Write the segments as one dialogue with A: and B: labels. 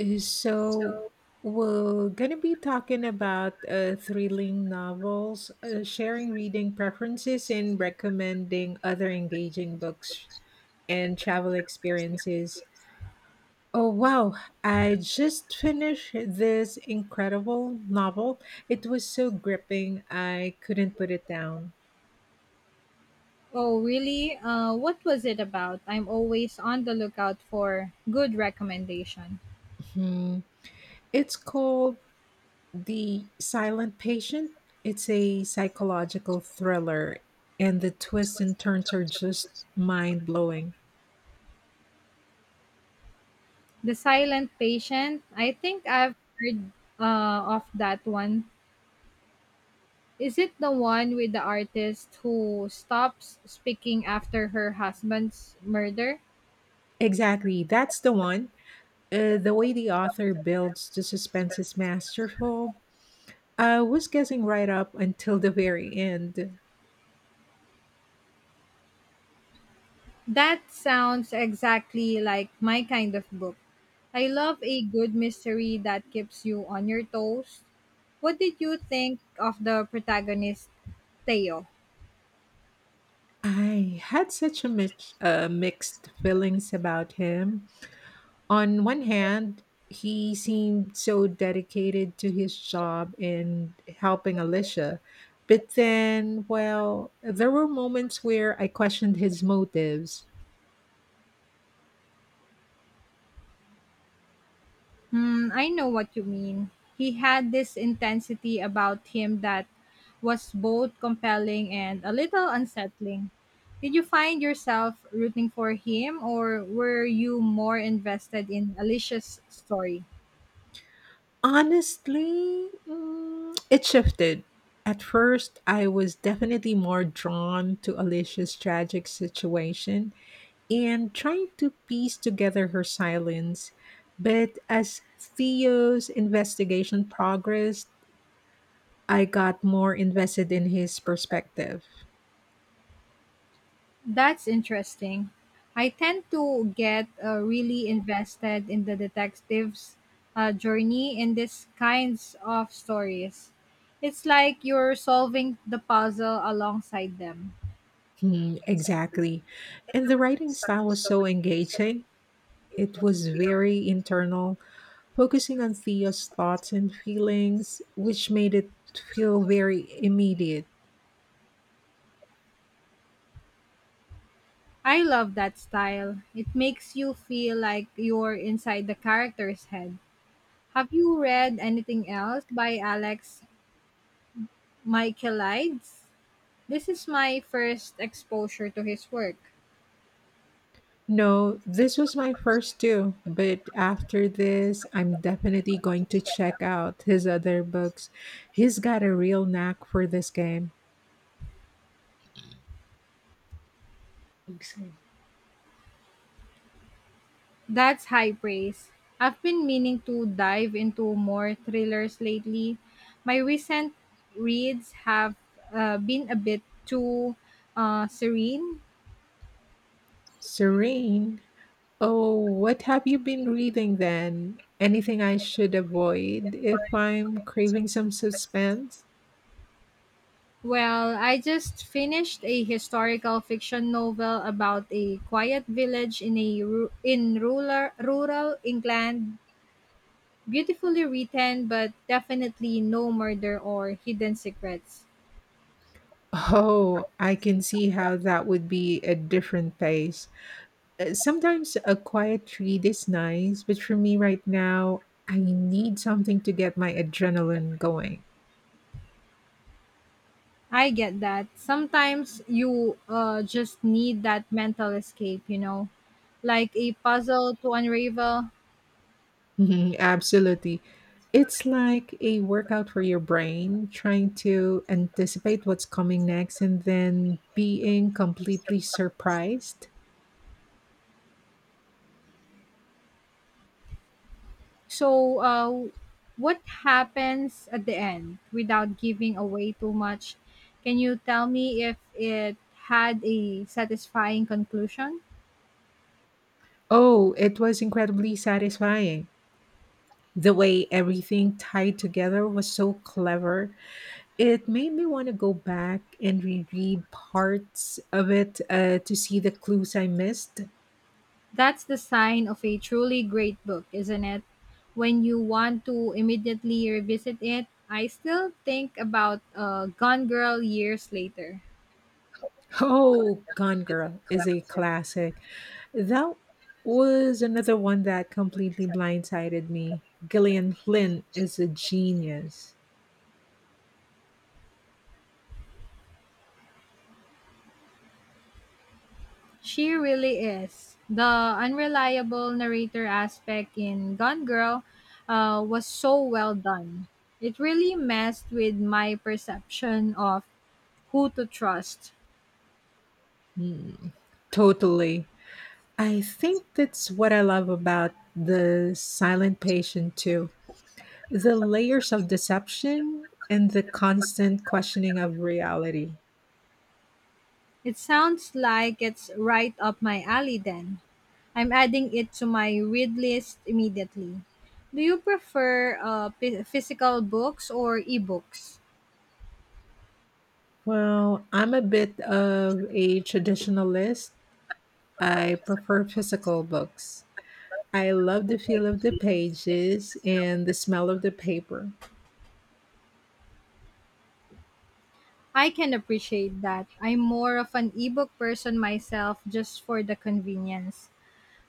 A: So, we're going to be talking about thrilling novels, sharing reading preferences, and recommending other engaging books and travel experiences. Oh, wow. I just finished this incredible novel. It was so gripping, I couldn't put it down.
B: Oh, really? What was it about? I'm always on the lookout for good recommendation.
A: Hmm. It's called The Silent Patient. It's a psychological thriller, and the twists and turns are just mind blowing.
B: The Silent Patient. I think I've heard of that one. Is it the one with the artist who stops speaking after her husband's murder?
A: Exactly, that's the one. The way the author builds the suspense is masterful. I was guessing right up until the very end.
B: That sounds exactly like my kind of book. I love a good mystery that keeps you on your toes. What did you think of the protagonist, Theo?
A: I had such a mixed feelings about him. On one hand, he seemed so dedicated to his job and helping Alicia. But then, well, there were moments where I questioned his motives.
B: Hmm, I know what you mean. He had this intensity about him that was both compelling and a little unsettling. Did you find yourself rooting for him, or were you more invested in Alicia's story?
A: Honestly, it shifted. At first, I was definitely more drawn to Alicia's tragic situation and trying to piece together her silence. But as Theo's investigation progressed, I got more invested in his perspective.
B: That's interesting. I tend to get really invested in the detective's journey in these kinds of stories. It's like you're solving the puzzle alongside them.
A: Hmm, exactly. And the writing style was so engaging. It was very internal, focusing on Theo's thoughts and feelings, which made it feel very immediate.
B: I love that style. It makes you feel like you're inside the character's head. Have you read anything else by Alex Michaelides? This is my first exposure to his work.
A: No, this was my first too, but after this, I'm definitely going to check out his other books. He's got a real knack for this game. Exactly.
B: That's high praise. I've been meaning to dive into more thrillers lately. My recent reads have been a bit too serene.
A: Serene, oh, what have you been reading then? Anything I should avoid if I'm craving some suspense?
B: Well, I just finished a historical fiction novel about a quiet village in in rural England. Beautifully written, but definitely no murder or hidden secrets.
A: Oh, I can see how that would be a different pace. Sometimes a quiet read is nice, but for me right now, I need something to get my adrenaline going.
B: I get that. Sometimes you just need that mental escape, you know, like a puzzle to unravel.
A: Mhm, absolutely. It's like a workout for your brain, trying to anticipate what's coming next and then being completely surprised.
B: So, what happens at the end without giving away too much? Can you tell me if it had a satisfying conclusion?
A: Oh, it was incredibly satisfying. The way everything tied together was so clever. It made me want to go back and reread parts of it to see the clues I missed.
B: That's the sign of a truly great book, isn't it? When you want to immediately revisit it, I still think about Gone Girl years later.
A: Oh, Gone Girl is a classic. That was another one that completely blindsided me. Gillian Flynn is a genius.
B: She really is. The unreliable narrator aspect in Gone Girl was so well done. It really messed with my perception of who to trust.
A: Mm, totally. I think that's what I love about the silent patient too. The layers of deception and the constant questioning of reality.
B: It sounds like it's right up my alley then. I'm adding it to my read list immediately. Do you prefer physical books or ebooks?
A: Well, I'm a bit of a traditionalist. I prefer physical books. I love the feel of the pages and the smell of the paper.
B: I can appreciate that. I'm more of an ebook person myself just for the convenience.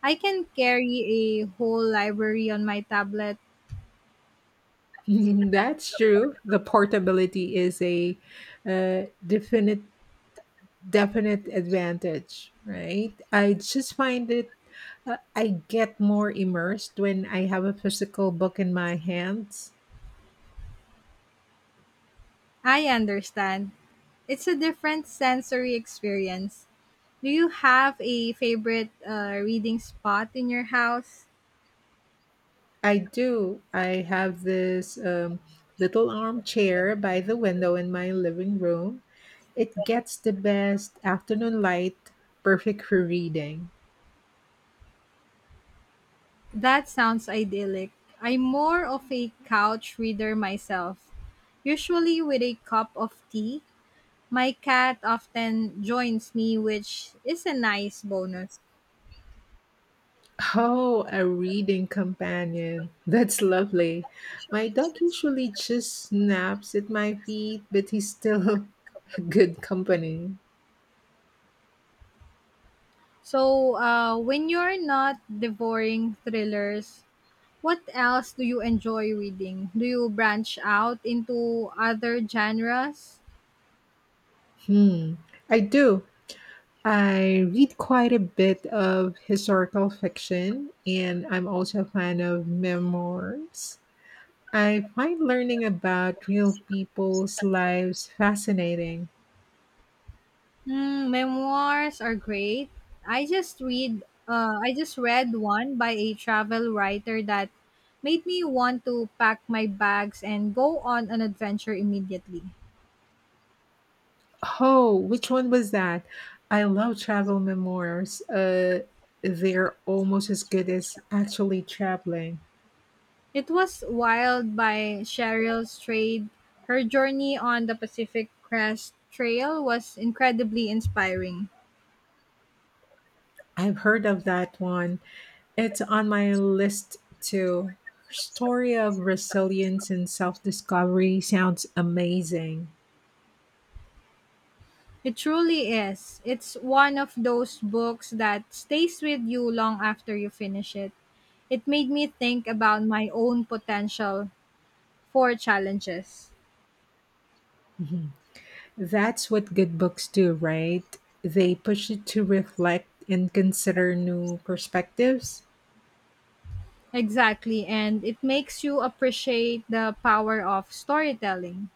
B: I can carry a whole library on my tablet.
A: That's true. The portability is a uh, definite definite advantage, right? I just find it, I get more immersed when I have a physical book in my hands.
B: I understand. It's a different sensory experience. Do you have a favorite reading spot in your house?
A: I do. I have this little armchair by the window in my living room. It gets the best afternoon light, perfect for reading.
B: That sounds idyllic. I'm more of a couch reader myself, usually with a cup of tea. My cat often joins me, which is a nice bonus.
A: Oh, a reading companion. That's lovely. My dog usually just snaps at my feet, but he still good company.
B: So, when you're not devouring thrillers, what else do you enjoy reading? Do you branch out into other genres?
A: Hmm. I do. I read quite a bit of historical fiction, and I'm also a fan of memoirs. I find learning about real people's lives fascinating.
B: Hmm, memoirs are great. I just read one by a travel writer that made me want to pack my bags and go on an adventure immediately.
A: Oh, which one was that? I love travel memoirs. They're almost as good as actually traveling.
B: It was Wild by Cheryl Strayed. Her journey on the Pacific Crest Trail was incredibly inspiring.
A: I've heard of that one. It's on my list too. Her story of resilience and self discovery sounds amazing.
B: It truly is. It's one of those books that stays with you long after you finish it. It made me think about my own potential for challenges.
A: Mhm. That's what good books do, right? They push you to reflect and consider new perspectives.
B: Exactly, and it makes you appreciate the power of storytelling.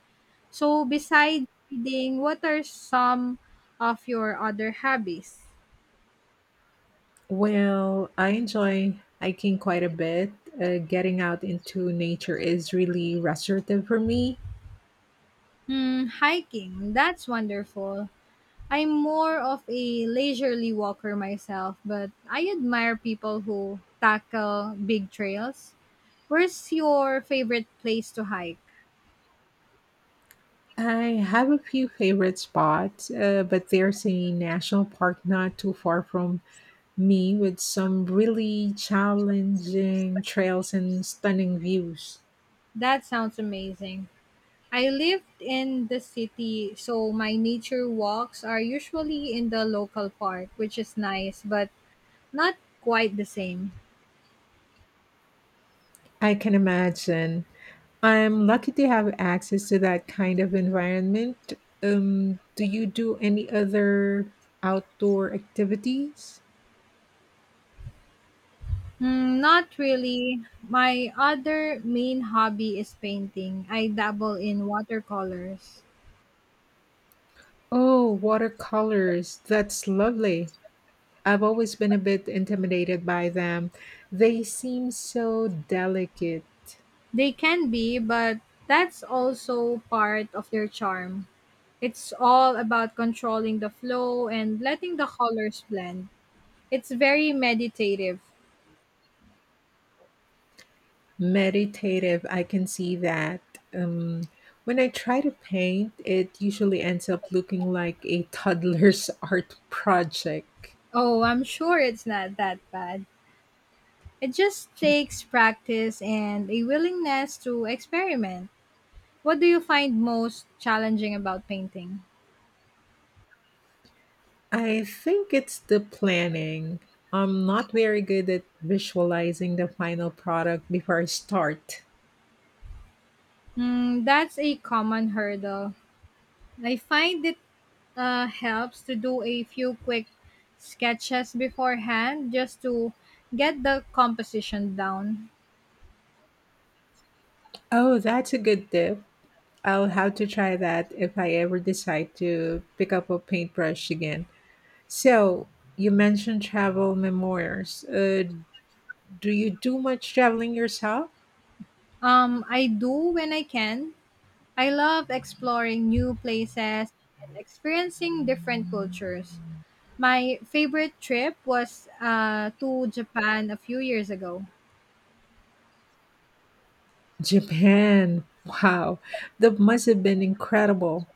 B: So, besides reading, what are some of your other hobbies?
A: Well, I enjoy hiking quite a bit. Getting out into nature is really restorative for me.
B: Hmm, hiking. That's wonderful. I'm more of a leisurely walker myself, but I admire people who tackle big trails. Where's your favorite place to hike?
A: I have a few favorite spots, but there's a national park not too far from me with some really challenging trails and stunning views.
B: That sounds amazing. I lived in the city, so my nature walks are usually in the local park, which is nice, but not quite the same.
A: I can imagine. I'm lucky to have access to that kind of environment. Do you do any other outdoor activities?
B: Mm, not really. My other main hobby is painting. I dabble in watercolors.
A: Oh, watercolors. That's lovely. I've always been a bit intimidated by them. They seem so delicate.
B: They can be, but that's also part of their charm. It's all about controlling the flow and letting the colors blend. It's very meditative.
A: Meditative, I can see that. Um, when I try to paint, it usually ends up looking like a toddler's art project.
B: Oh, I'm sure it's not that bad. It just takes practice and a willingness to experiment. What do you find most challenging about painting?
A: I think it's the planning. I'm not very good at visualizing the final product before I start.
B: Hmm, that's a common hurdle. I find it helps to do a few quick sketches beforehand just to get the composition down.
A: Oh, that's a good tip. I'll have to try that if I ever decide to pick up a paintbrush again. So, you mentioned travel memoirs. Do you do much traveling yourself?
B: I do when I can. I love exploring new places and experiencing different cultures. My favorite trip was to Japan a few years ago.
A: Japan. Wow, that must have been incredible.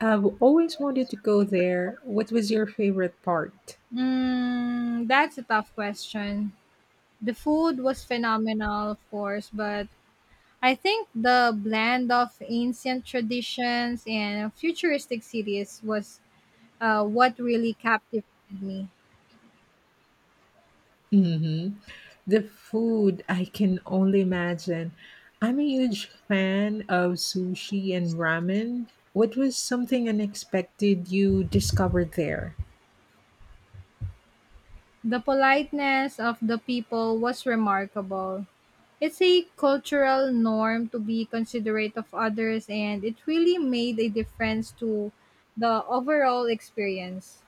A: I've always wanted to go there. What was your favorite part?
B: Mm, that's a tough question. The food was phenomenal, of course, but I think the blend of ancient traditions and futuristic cities was what really captivated me.
A: Hmm. The food, I can only imagine. I'm a huge fan of sushi and ramen. What was something unexpected you discovered there?
B: The politeness of the people was remarkable. It's a cultural norm to be considerate of others, and it really made a difference to the overall experience.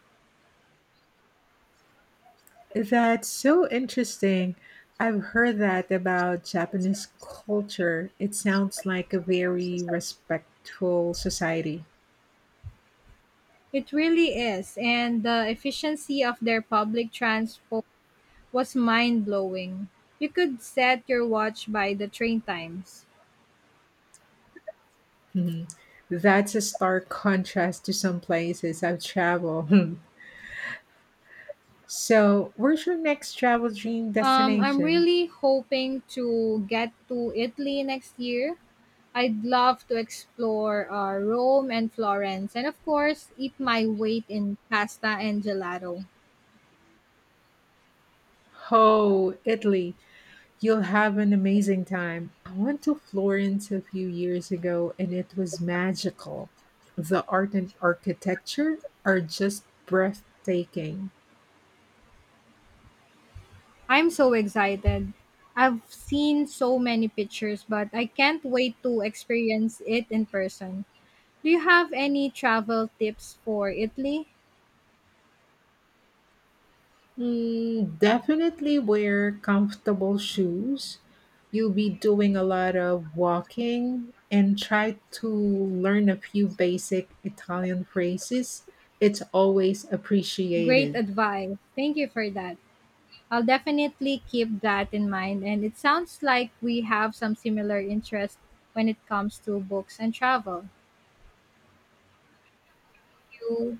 A: That's so interesting. I've heard that about Japanese culture. It sounds like a very respectful society.
B: It really is, and the efficiency of their public transport was mind blowing. You could set your watch by the train times.
A: Mhm. That's a stark contrast to some places I've traveled. So, where's your next travel dream
B: I'm
A: destination?
B: really hoping to get to Italy next year. I'd love to explore Rome and Florence, and of course, eat my weight in pasta and gelato.
A: Oh, Italy. You'll have an amazing time. I went to Florence a few years ago and it was magical. The art and architecture are just breathtaking.
B: I'm so excited. I've seen so many pictures, but I can't wait to experience it in person. Do you have any travel tips for Italy?
A: Mm, definitely wear comfortable shoes. You'll be doing a lot of walking and try to learn a few basic Italian phrases. It's always
B: Great
A: appreciated.
B: advice. Thank you for that. I'll definitely keep that in mind. And it sounds like we have some similar interests when it comes to books and travel. You